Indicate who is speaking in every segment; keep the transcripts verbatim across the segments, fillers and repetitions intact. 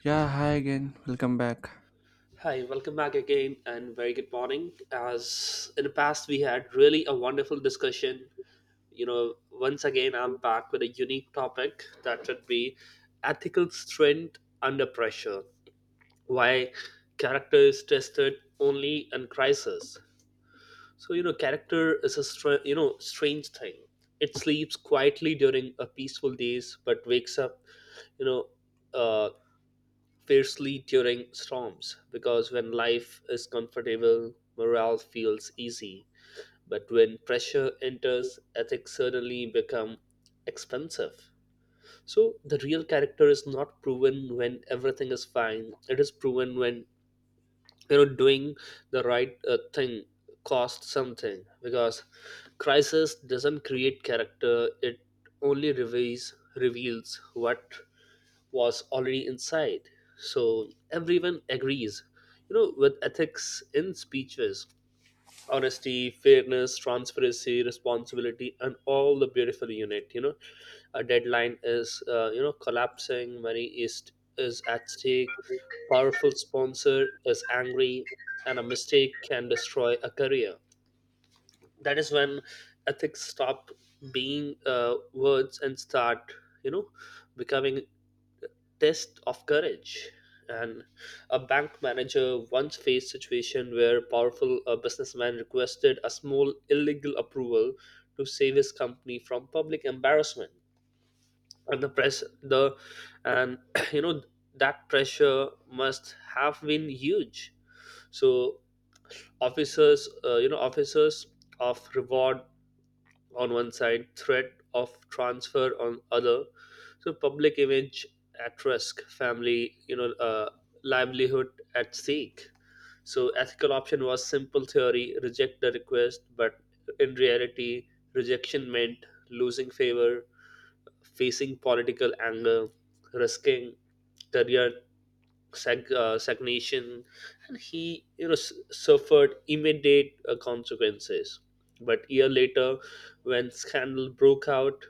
Speaker 1: Yeah, hi again. Welcome back.
Speaker 2: Hi, welcome back again, and very good morning. As in the past, we had really a wonderful discussion. You know, once again, I'm back with a unique topic that would be ethical strength under pressure. Why character is tested only in crisis. So you know, character is a str- you know strange thing. It sleeps quietly during a peaceful days, but wakes up you know uh, fiercely during storms because when life is comfortable, morale feels easy. But when pressure enters, ethics suddenly become expensive. So the real character is not proven when everything is fine. It is proven when you know doing the right uh, thing costs something, because crisis doesn't create character. It only reveals reveals what was already inside. So everyone agrees, you know, with ethics in speeches, honesty, fairness, transparency, responsibility, and all the beautiful unit. You know, a deadline is uh, you know collapsing. Money is is at stake. Powerful sponsor is angry, and a mistake can destroy a career. That is when ethics stop being uh, words and start you know becoming test of courage. And a bank manager once faced situation where powerful a businessman requested a small illegal approval to save his company from public embarrassment. And the press, the and you know that pressure must have been huge. So officers, uh, you know, officers of reward on one side, threat of transfer on other. So public image at risk, family, you know, uh, livelihood at stake. So ethical option was simple theory, reject the request, but in reality, rejection meant losing favor, facing political anger, risking career sag- uh, stagnation, and he you know s- suffered immediate uh, consequences. But year later, when scandal broke out,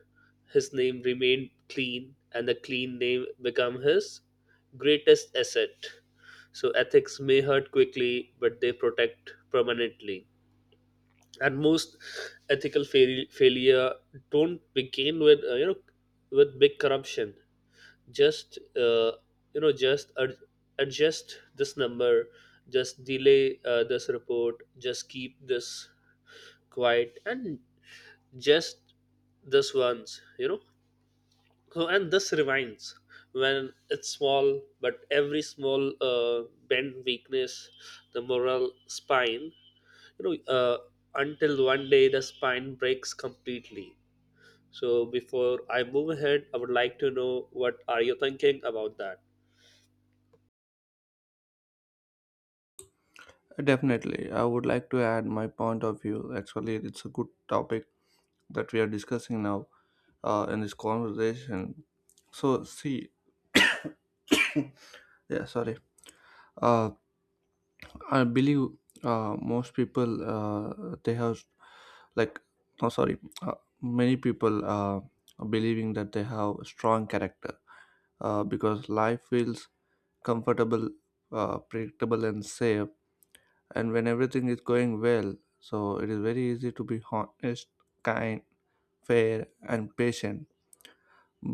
Speaker 2: his name remained clean, and the clean name became his greatest asset. So ethics may hurt quickly, but they protect permanently. And most ethical fail- failure don't begin with uh, you know with big corruption. Just uh, you know just ad- adjust this number, just delay uh, this report, just keep this quiet, and just this once you know So, and this reminds, when it's small, but every small uh, bend weakness the moral spine, you know uh, until one day the spine breaks completely. So before I move ahead, I would like to know what are you thinking about that?
Speaker 1: Uh, Definitely, I would like to add my point of view. Actually, it's a good topic that we are discussing now uh, in this conversation. So, see, yeah, sorry. Uh, I believe uh, most people uh, they have like no, sorry, uh, many people uh, are believing that they have strong character uh, because life feels comfortable, uh, predictable, and safe, and when everything is going well, so it is very easy to be honest, kind, fair, and patient.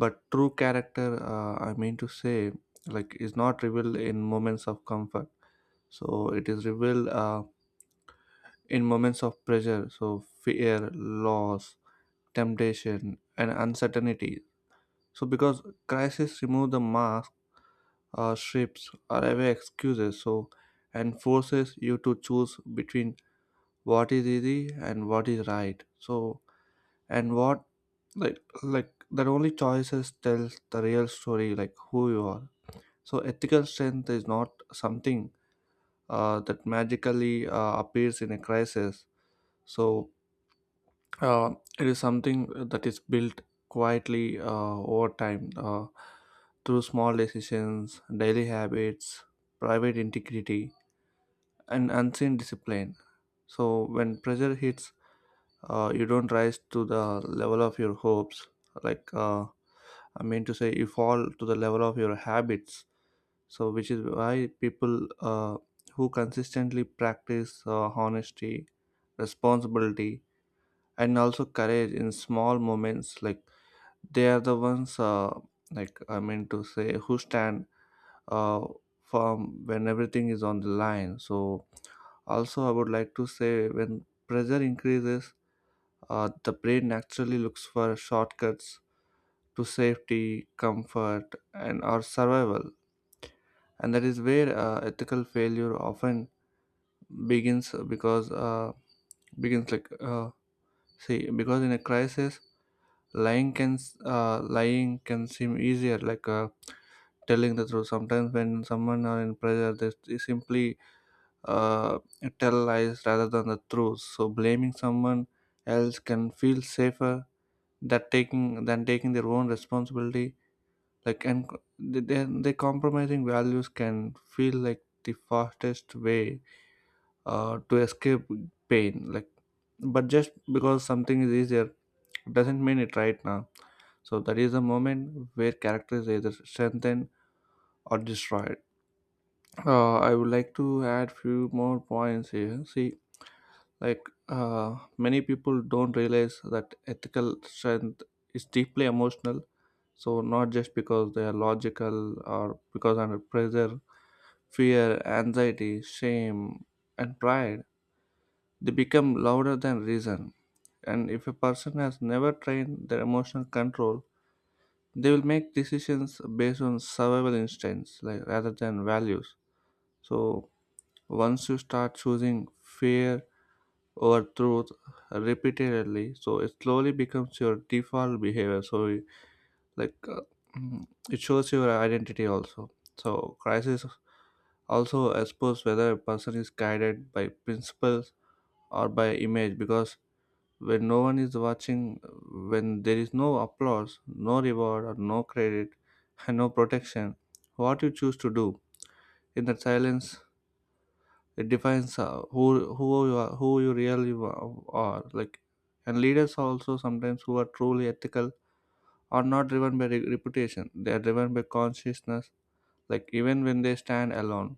Speaker 1: But true character, uh, I mean to say, like, is not revealed in moments of comfort. So it is revealed uh, in moments of pressure, so fear, loss, temptation, and uncertainty. So because crisis remove the mask, uh, strips or away excuses, so and forces you to choose between what is easy and what is right. So and what, like like that only choices tells the real story, like who you are. So ethical strength is not something uh, that magically uh, appears in a crisis. So uh, it is something that is built quietly uh, over time, uh, through small decisions, daily habits, private integrity, and unseen discipline. So when pressure hits, uh, you don't rise to the level of your hopes. like uh, I mean to say, you fall to the level of your habits. So which is why people uh, who consistently practice uh, honesty, responsibility, and also courage in small moments, like they are the ones, uh, like I mean to say, who stand uh, firm when everything is on the line. So also I would like to say, when pressure increases, uh, the brain naturally looks for shortcuts to safety, comfort, and our survival. And that is where uh, ethical failure often begins, because uh, begins like uh, see, because in a crisis, lying can s- uh, lying can seem easier, like. Uh, telling the truth, sometimes when someone are in pressure, they, they simply uh, tell lies rather than the truth. So blaming someone else can feel safer that taking than taking their own responsibility, like. And co- the the the compromising values can feel like the fastest way uh, to escape pain, like. But just because something is easier doesn't mean it right now. So that is the moment where characters either strengthen or destroyed. uh, I would like to add few more points here. See, like uh, many people don't realize that ethical strength is deeply emotional, so not just because they are logical, or because under pressure fear, anxiety, shame, and pride, they become louder than reason. And if a person has never trained their emotional control, they will make decisions based on survival instincts, like, rather than values. So once you start choosing fear over truth repeatedly, so it slowly becomes your default behavior. So you- like uh, mm, it shows your identity also. So crisis also expose whether a person is guided by principles or by image, because when no one is watching, when there is no applause, no reward or no credit, and no protection, what you choose to do in that silence, it defines uh, who who you are, who you really wa- are. Like, and leaders also, sometimes, who are truly ethical are not driven by re- reputation. They are driven by consciousness. Like, even when they stand alone,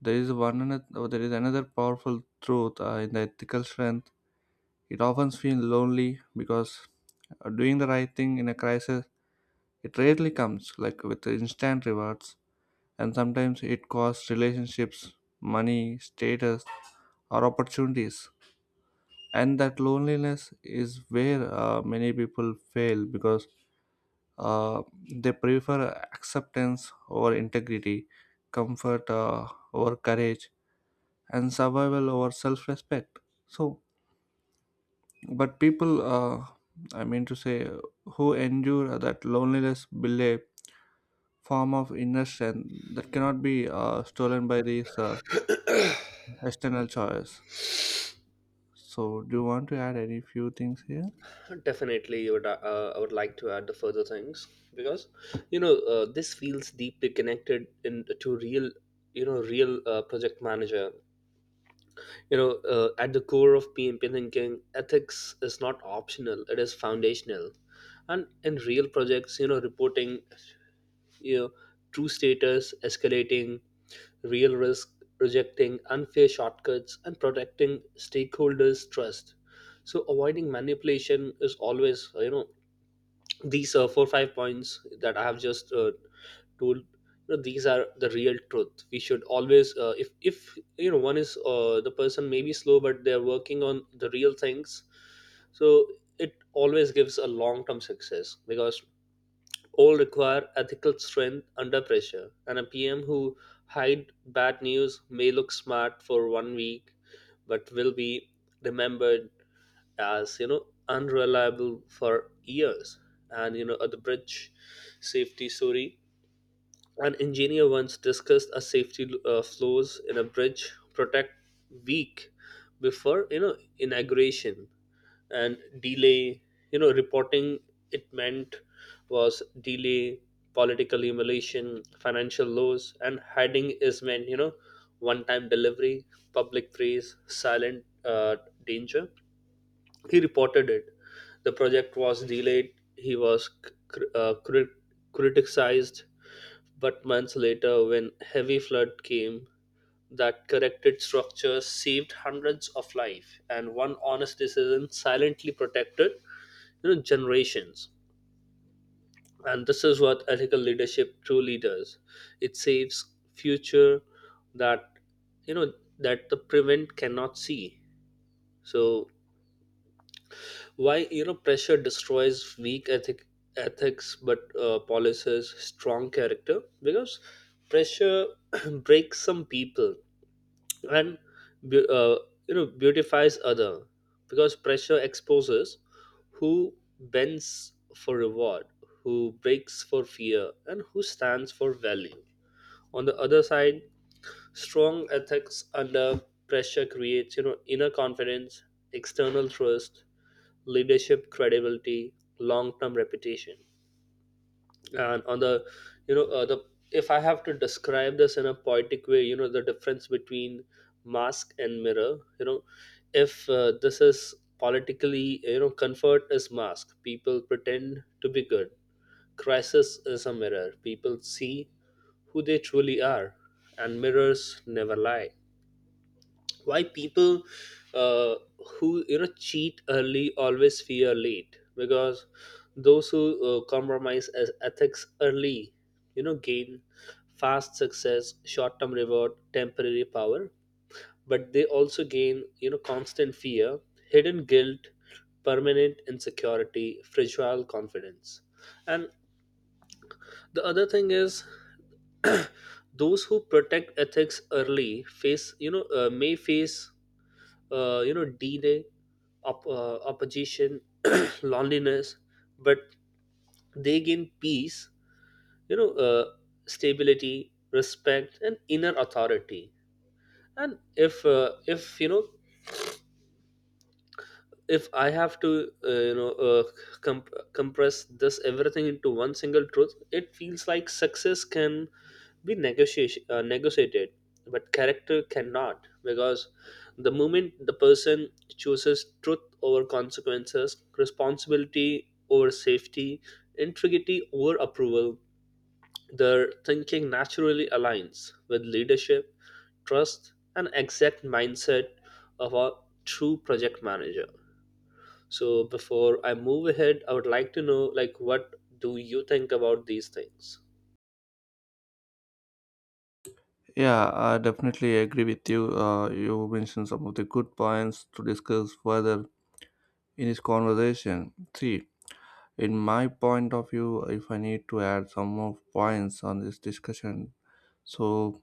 Speaker 1: there is one another, Oh, there is another powerful truth uh, in the ethical strength. It often feels lonely because, uh, doing the right thing in a crisis, it rarely comes like with instant rewards, and sometimes it costs relationships, money, status, or opportunities. And that loneliness is where uh, many people fail, because uh, they prefer acceptance over integrity, comfort uh, over courage, and survival over self-respect. So but people, uh, I mean to say, who endure that loneliness, build a form of inner strength that cannot be uh, stolen by these uh, external choice. So do you want to add any few things here?
Speaker 2: Definitely, would, uh, uh, I would like to add the further things, because you know uh, this feels deeply connected in to real you know real uh, project manager. You know uh, at the core of P M P thinking, ethics is not optional; it is foundational. And in real projects, you know reporting you know true status, escalating real risk, rejecting unfair shortcuts, and protecting stakeholders' trust. So avoiding manipulation is always, you know these uh, four five points that I have just uh, told, you know these are the real truth. We should always uh, if if you know one is, uh, the person may be slow, but they're working on the real things. So it always gives a long term success, because all require ethical strength under pressure. And a PM who hide bad news may look smart for one week, but will be remembered as you know unreliable for years. And you know at the bridge safety story, an engineer once discussed a safety uh, flaws in a bridge protect week before you know inauguration, and delay you know reporting it meant was delay, political emulation, financial loss. And hiding is meant you know one time delivery, public praise, silent uh, danger. He reported it. The project was delayed. He was cr- uh, cri- criticized, but months later, when heavy flood came, that corrected structures saved hundreds of life, and one honest decision silently protected, you know, generations. And this is what ethical leadership truly does. It saves future that you know that the prevent cannot see. So why you know pressure destroys weak ethic ethics but uh, polishes strong character, because pressure breaks some people, and bu- uh, you know beautifies other, because pressure exposes who bends for reward, who breaks for fear, and who stands for value. On the other side, strong ethics under pressure creates you know inner confidence, external trust, leadership credibility, long term reputation. And on the you know uh, the if I have to describe this in a poetic way, you know the difference between mask and mirror. You know if uh, this is politically, you know comfort is mask, people pretend to be good. Crisis is a mirror, people see who they truly are, and mirrors never lie. Why people uh, who you know cheat early always fear late, because those who uh, compromise as ethics early you know gain fast success, short-term reward, temporary power, but they also gain you know constant fear, hidden guilt, permanent insecurity, fragile confidence. And the other thing is, those who protect ethics early face you know uh, may face uh, you know delay, op- uh, opposition, loneliness, but they gain peace, you know uh, stability, respect, and inner authority. And if uh, if you know if I have to uh, you know uh, comp- compress this everything into one single truth, it feels like success can be negotiation, uh, negotiated, but character cannot, because the moment the person chooses truth over consequences, responsibility over safety, integrity over approval, their thinking naturally aligns with leadership trust and exact mindset of a true project manager. So before I move ahead, I would like to know, like, what do you think about these things?
Speaker 1: Yeah, I definitely agree with you. Uh, you mentioned some of the good points to discuss further in this conversation. See, in my point of view, if I need to add some more points on this discussion, so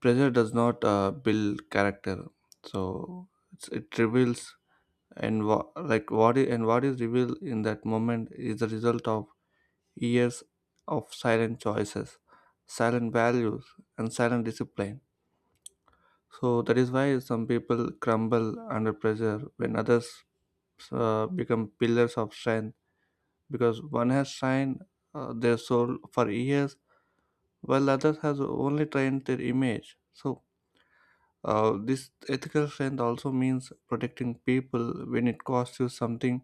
Speaker 1: pressure does not uh, build character. So it's, it reveals. And wha- like what is, and what is revealed in that moment is the result of years of silent choices, silent values, and silent discipline. So that is why some people crumble under pressure when others uh, become pillars of strength, because one has trained uh, their soul for years, while others has only trained their image. So uh, this ethical strength also means protecting people when it costs you something,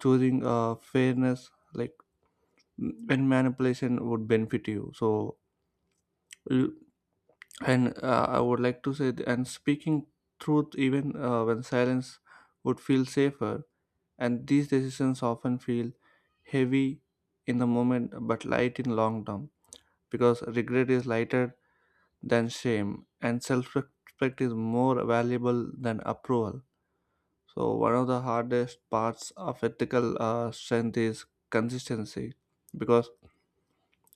Speaker 1: choosing uh, fairness, like mm, when manipulation would benefit you. So you- and uh, I would like to say th- and speaking truth, even uh, when silence would feel safer, and these decisions often feel heavy in the moment, but light in long term, because regret is lighter than shame, and self-respect is more valuable than approval. So one of the hardest parts of ethical uh, strength is consistency, because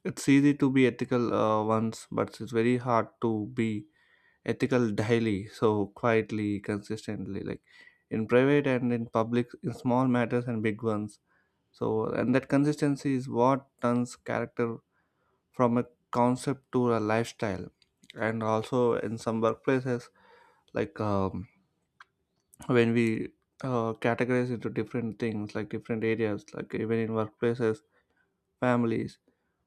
Speaker 1: it's easy to be ethical uh, once, but it's very hard to be ethical daily, so quietly, consistently, like in private and in public, in small matters and big ones. So and that consistency is what turns character from a concept to a lifestyle. And also in some workplaces, like um, when we uh, categorize into different things, like different areas, like even in workplaces, families,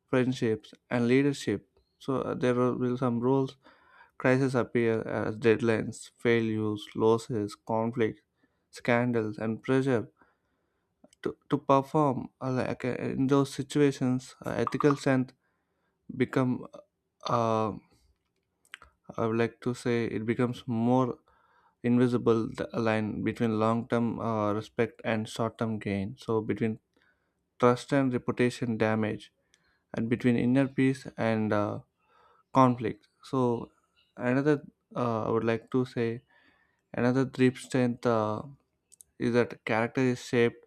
Speaker 1: friendships, and leadership. So uh, there will be some rules. Crises appear as deadlines, failures, losses, conflict, scandals, and pressure to, to perform. uh, Like, uh, in those situations, uh, ethical strength become uh, uh, I would like to say, it becomes more invisible, the line between long-term uh, respect and short-term gain. So between trust and reputation damage, and between inner peace and uh, conflict. So another, uh, I would like to say, another deep strength uh, is that character is shaped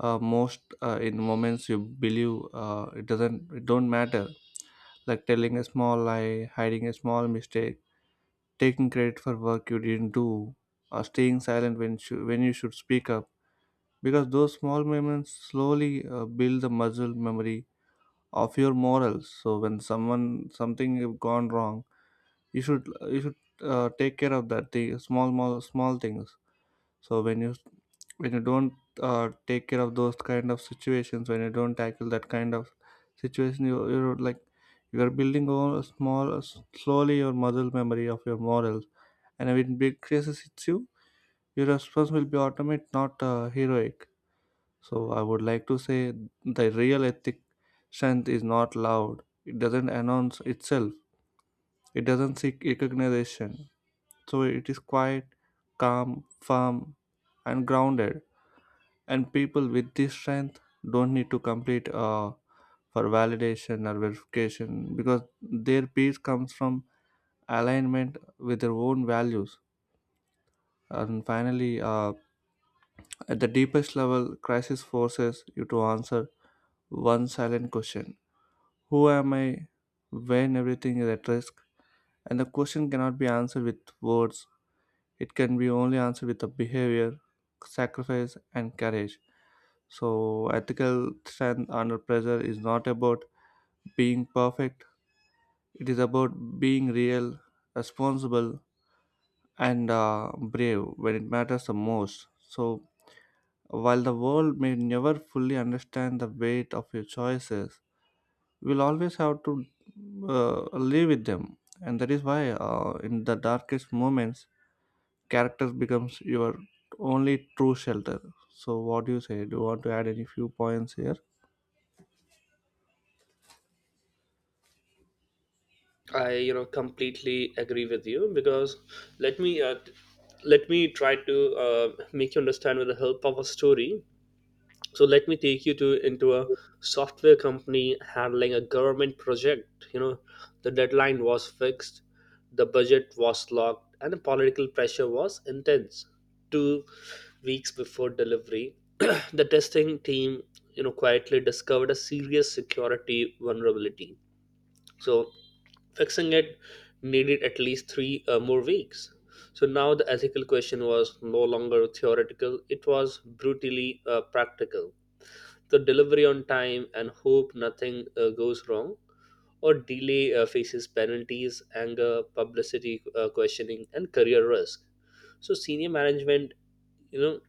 Speaker 1: uh, most uh, in moments you believe uh, it doesn't, it don't matter, like telling a small lie, hiding a small mistake, taking credit for work you didn't do, or staying silent when shou- when you should speak up. Because those small moments slowly uh, build the muscle memory of your morals. So when someone, something have gone wrong, you should you should uh, take care of that, the small, small, small things. So when you, when you don't uh, take care of those kind of situations, when you don't tackle that kind of situation, you, you're like, you are building all small, slowly, your muscle memory of your morals. And when big crisis hits you, your response will be automatic, not uh, heroic. So I would like to say, the real ethic strength is not loud. It doesn't announce itself. It doesn't seek recognition. So it is quiet, calm, firm, and grounded. And people with this strength don't need to complete uh, for validation or verification, because their peace comes from alignment with their own values. And finally, uh, at the deepest level, crisis forces you to answer one silent question: who am I when everything is at risk? And the question cannot be answered with words, it can be only answered with a behavior, sacrifice, and courage. So ethical strength under pressure is not about being perfect, it is about being real, responsible, and uh, brave when it matters the most. So while the world may never fully understand the weight of your choices, we'll always have to uh, live with them, and that is why, uh, in the darkest moments, characters becomes your only true shelter. So what do you say, do you want to add any few points here?
Speaker 2: I you know completely agree with you, because let me uh, t- let me try to uh, make you understand with the help of a story. So let me take you to into a software company handling a government project. You know, the deadline was fixed, the budget was locked, and the political pressure was intense. Two weeks before delivery, the testing team you know quietly discovered a serious security vulnerability. So fixing it needed at least three uh, more weeks. So now the ethical question was no longer theoretical, it was brutally uh, practical. The delivery on time and hope nothing uh, goes wrong, or delay uh, faces penalties, anger, publicity uh, questioning, and career risk. So senior management, you know,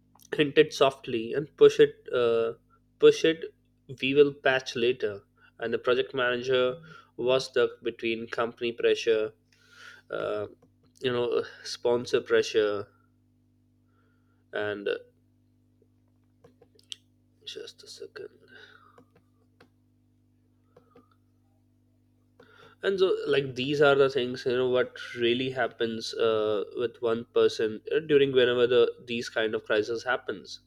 Speaker 2: hinted softly and push it, uh, push it. We will patch later, and the project manager was stuck between company pressure, uh, you know sponsor pressure, and uh, just a second, and so, like, these are the things you know what really happens uh, with one person uh, during whenever the these kind of crisis happens.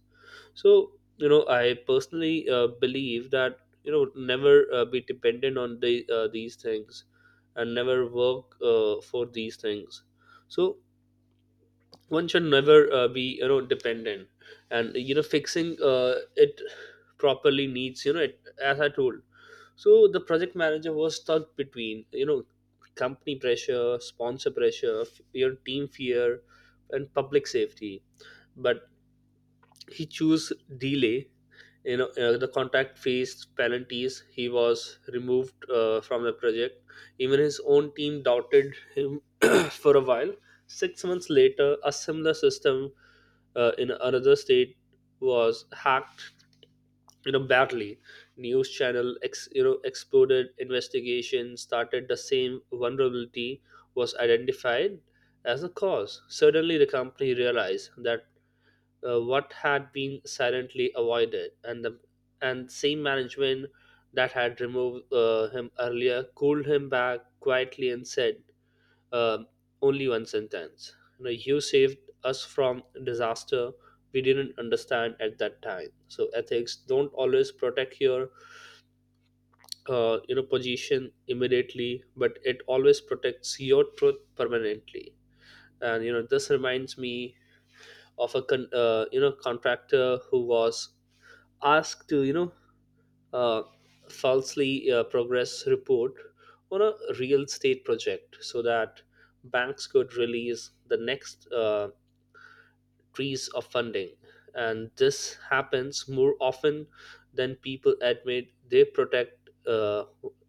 Speaker 2: So you know I personally uh, believe that you know never uh, be dependent on the uh, these things, and never work uh, for these things. So one should never uh, be you know dependent, and you know fixing uh, it properly needs you know it, as I told. So the project manager was stuck between you know company pressure, sponsor pressure, f- your team fear, and public safety. But he chose delay. You know uh, the contract faced penalties. He was removed uh, from the project. Even his own team doubted him for a while. Six months later, a similar system uh, in another state was hacked, you know badly. News channel ex, you know exploded. Investigation started. The same vulnerability was identified as the cause. Suddenly the company realized that uh, what had been silently avoided, and the and same management that had removed uh, him earlier called him back quietly and said, um only one sentence. You know, you saved us from disaster we didn't understand at that time. So ethics don't always protect your uh, you know position immediately, but it always protects your truth permanently. And you know this reminds me of a con- uh, you know contractor who was asked to you know uh, falsely uh, progress report on a real estate project, so that banks could release the next uh, trees of funding. And this happens more often than people admit. They protect, uh,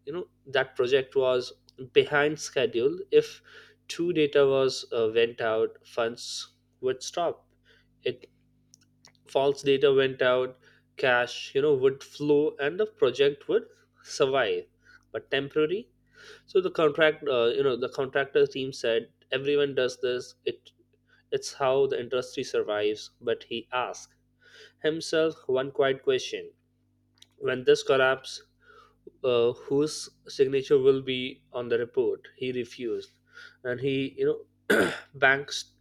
Speaker 2: you know that project was behind schedule. If true data was uh, went out, funds would stop it. False data went out, cash you know would flow, and the project would survive but temporary. So the contract uh, you know the contractor team said everyone does this, it it's how the industry survives, but he asked himself one quiet question: when this collapse, uh, whose signature will be on the report? He refused. And he you know banks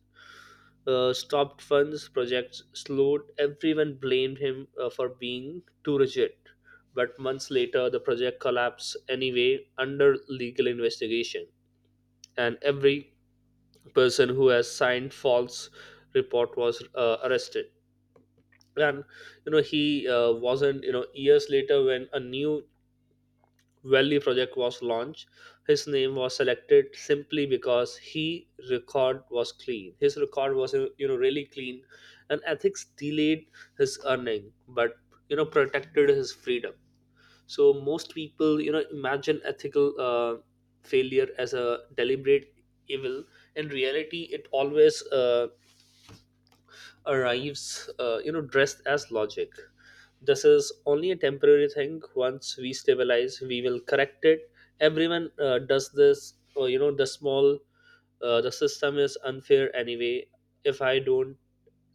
Speaker 2: uh, stopped funds, projects slowed. Everyone blamed him uh, for being too rigid. But months later, the project collapsed anyway under legal investigation, and every person who has signed false report was uh, arrested. And you know he uh, wasn't, you know years later, when a new Valley project was launched, his name was selected simply because he record was clean. His record was you know really clean, and ethics delayed his earning, but you know protected his freedom. So most people you know imagine ethical uh, failure as a deliberate evil. In reality, it always uh, arrives uh, you know dressed as logic. This is only a temporary thing. Once we stabilize, we will correct it. Everyone uh, does this. Or, you know, the small uh, the system is unfair anyway. If I don't,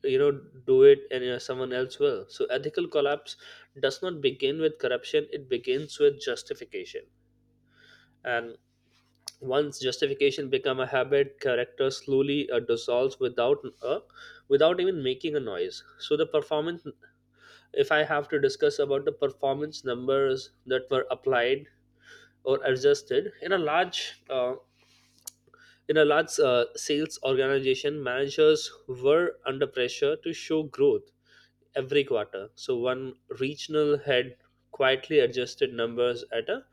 Speaker 2: you know, do it, and uh, someone else will. So ethical collapse does not begin with corruption. It begins with justification. And once justification become a habit, character slowly uh, dissolves without a without even making a noise. So the performance if I have to discuss about the performance numbers that were applied or adjusted in a large uh, in a large uh, sales organization, managers were under pressure to show growth every quarter. So one regional head quietly adjusted numbers at a,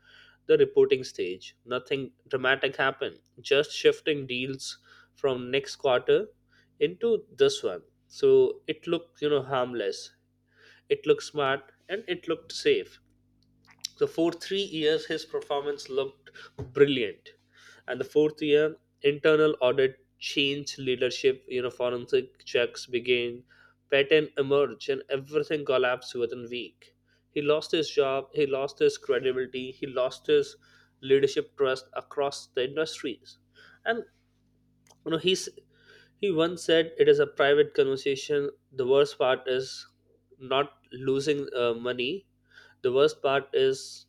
Speaker 2: the reporting stage. Nothing dramatic happened, just shifting deals from next quarter into this one. So it looked you know harmless, it looked smart, and it looked safe. So for three years, his performance looked brilliant, and the fourth year, internal audit changed leadership. You know, forensic checks began, patent emerged, and everything collapsed within a week. He lost his job. He lost his credibility. He lost his leadership trust across the industries, and you know he's he once said it is a private conversation. The worst part is not losing uh, money, the worst part is,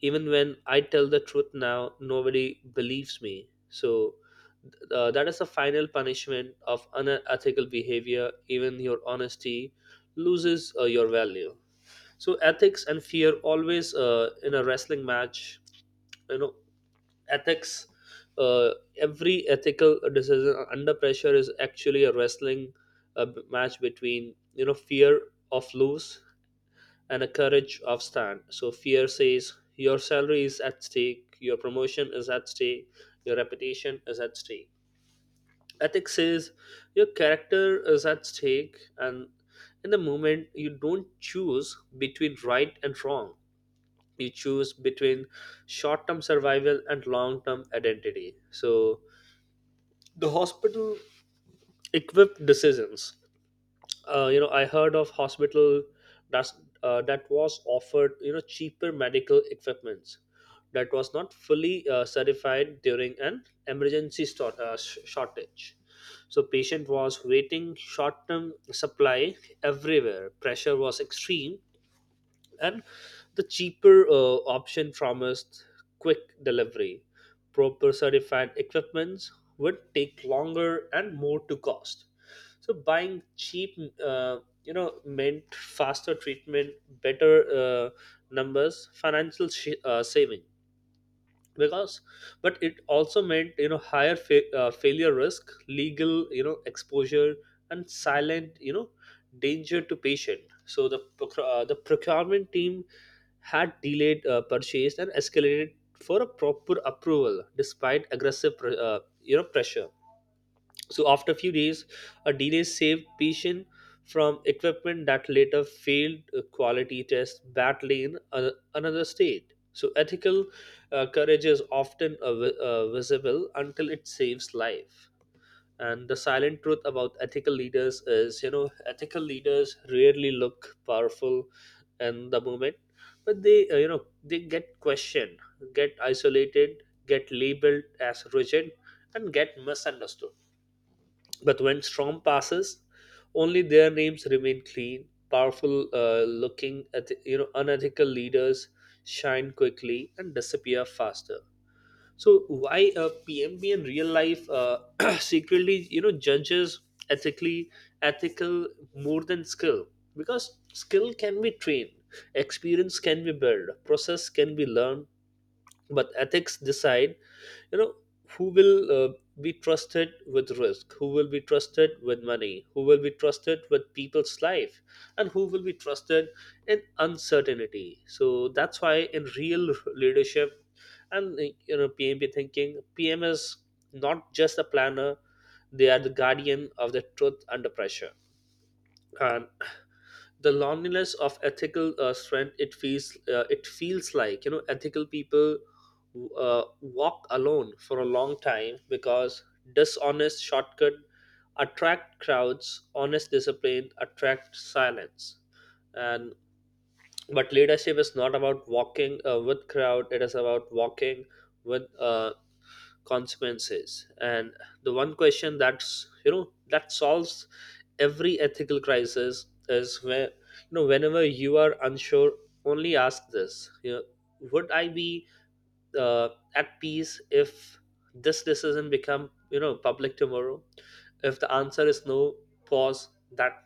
Speaker 2: even when I tell the truth now, nobody believes me. So uh, that is the final punishment of unethical behavior. Even your honesty loses uh, your value. So ethics and fear always uh, in a wrestling match. You know ethics uh, every ethical decision under pressure is actually a wrestling uh, match between you know fear of lose and a courage of stand. So fear says your salary is at stake, your promotion is at stake, your reputation is at stake. Ethics says your character is at stake, and in the moment you don't choose between right and wrong. You choose between short term survival and long term identity. So the hospital equipped decisions uh, you know I heard of hospital that's, uh, that was offered you know cheaper medical equipments that was not fully uh, certified during an emergency stor- uh, sh- shortage. So patient was waiting short term supply, everywhere pressure was extreme, and the cheaper uh, option promised quick delivery. Proper certified equipments would take longer and more to cost. So buying cheap, uh, you know, meant faster treatment, better uh, numbers, financial sh- uh, saving, because, but it also meant you know higher fa- uh, failure risk, legal you know exposure, and silent you know danger to patient. So the proc- uh, the procurement team had delayed uh, purchase and escalated for a proper approval despite aggressive pr- uh, you know pressure. So after a few days, a delay saved patient from equipment that later failed a quality test badly in a- another state. So ethical uh, courage is often uh, vi- uh, visible until it saves life. And the silent truth about ethical leaders is, you know, ethical leaders rarely look powerful in the moment, but they, uh, you know, they get questioned, get isolated, get labeled as rigid, and get misunderstood. But when storm passes, only their names remain clean. Powerful uh, looking, at, you know, unethical leaders shine quickly and disappear faster. So why a P M B in real life uh, secretly, you know, judges ethically ethical more than skill, because skill can be trained, experience can be built, process can be learned, but ethics decide you know who will uh, be trusted with risk, who will be trusted with money, who will be trusted with people's life, and who will be trusted in uncertainty. So that's why in real leadership and uh, you know PMP thinking, PM is not just a planner, they are the guardian of the truth under pressure. And the loneliness of ethical uh, strength, it feels uh, it feels like, you know, ethical people uh, walk alone for a long time, because dishonest shortcut attract crowds, honest discipline attract silence. And But leadership is not about walking uh, with crowd, it is about walking with uh, consequences. And the one question that's you know that solves every ethical crisis is, where you know whenever you are unsure, only ask this, you know would I be uh, at peace if this decision become you know public tomorrow. If the answer is no, pause. That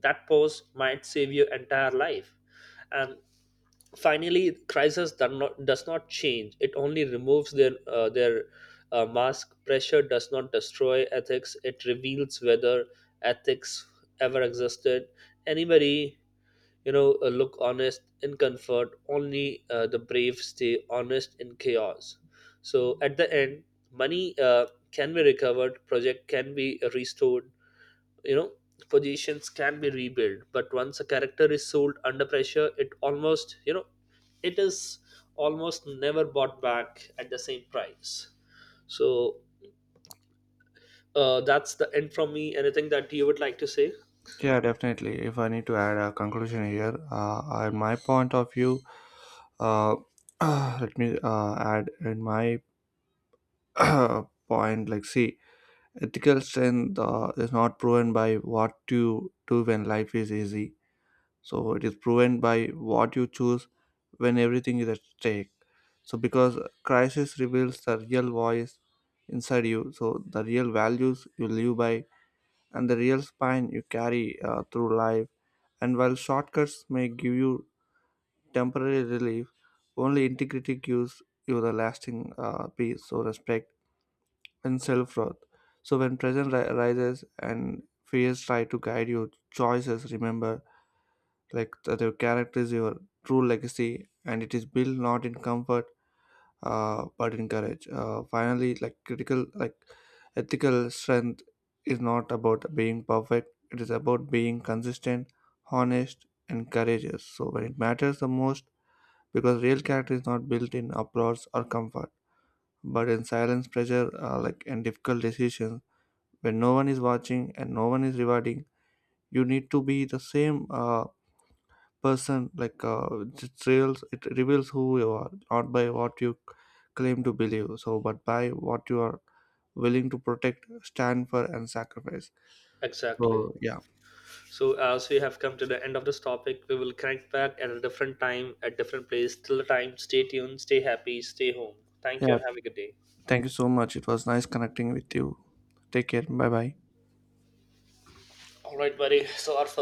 Speaker 2: that pause might save your entire life. And finally, crisis does not, does not change. It only removes their uh, their uh, mask. Pressure does not destroy ethics. It reveals whether ethics ever existed. Anybody, you know, uh, look honest in comfort. Only uh, the brave stay honest in chaos. So at the end, money uh, can be recovered. Project can be restored, you know positions can be rebuilt, but once a character is sold under pressure, it almost, you know it is almost never bought back at the same price. So uh, that's the end from me. Anything that you would like to say?
Speaker 1: Yeah, definitely, if I need to add a conclusion here, uh, I, my point of view, uh, let me uh, add in my point, like, see, ethical strength uh, is not proven by what you do when life is easy. So it is proven by what you choose when everything is at stake. So because crisis reveals the real voice inside you, so the real values you live by, and the real spine you carry uh, through life. And while shortcuts may give you temporary relief, only integrity gives you the lasting uh, peace, so respect and self-worth. So when present ri- arises and fears try to guide your choices, remember, like, the, their character is your true legacy, and it is built not in comfort, uh, but in courage. Uh, finally, like, critical, like, ethical strength is not about being perfect, it is about being consistent, honest, and courageous, so when it matters the most, because real character is not built in applause or comfort, but in silence, pressure, uh, like, and difficult decisions. When no one is watching and no one is rewarding, you need to be the same uh, person, like uh, it reveals, it reveals who you are, not by what you claim to believe, so, but by what you are willing to protect, stand for, and sacrifice.
Speaker 2: Exactly.
Speaker 1: So, yeah.
Speaker 2: So as we have come to the end of this topic, we will connect back at a different time at different place. Till the time, stay tuned, stay happy, stay home. Thank you
Speaker 1: Yeah,
Speaker 2: and have a good day.
Speaker 1: thank you so much, it was nice connecting with you. Take care, bye bye.
Speaker 2: All right, buddy. So our first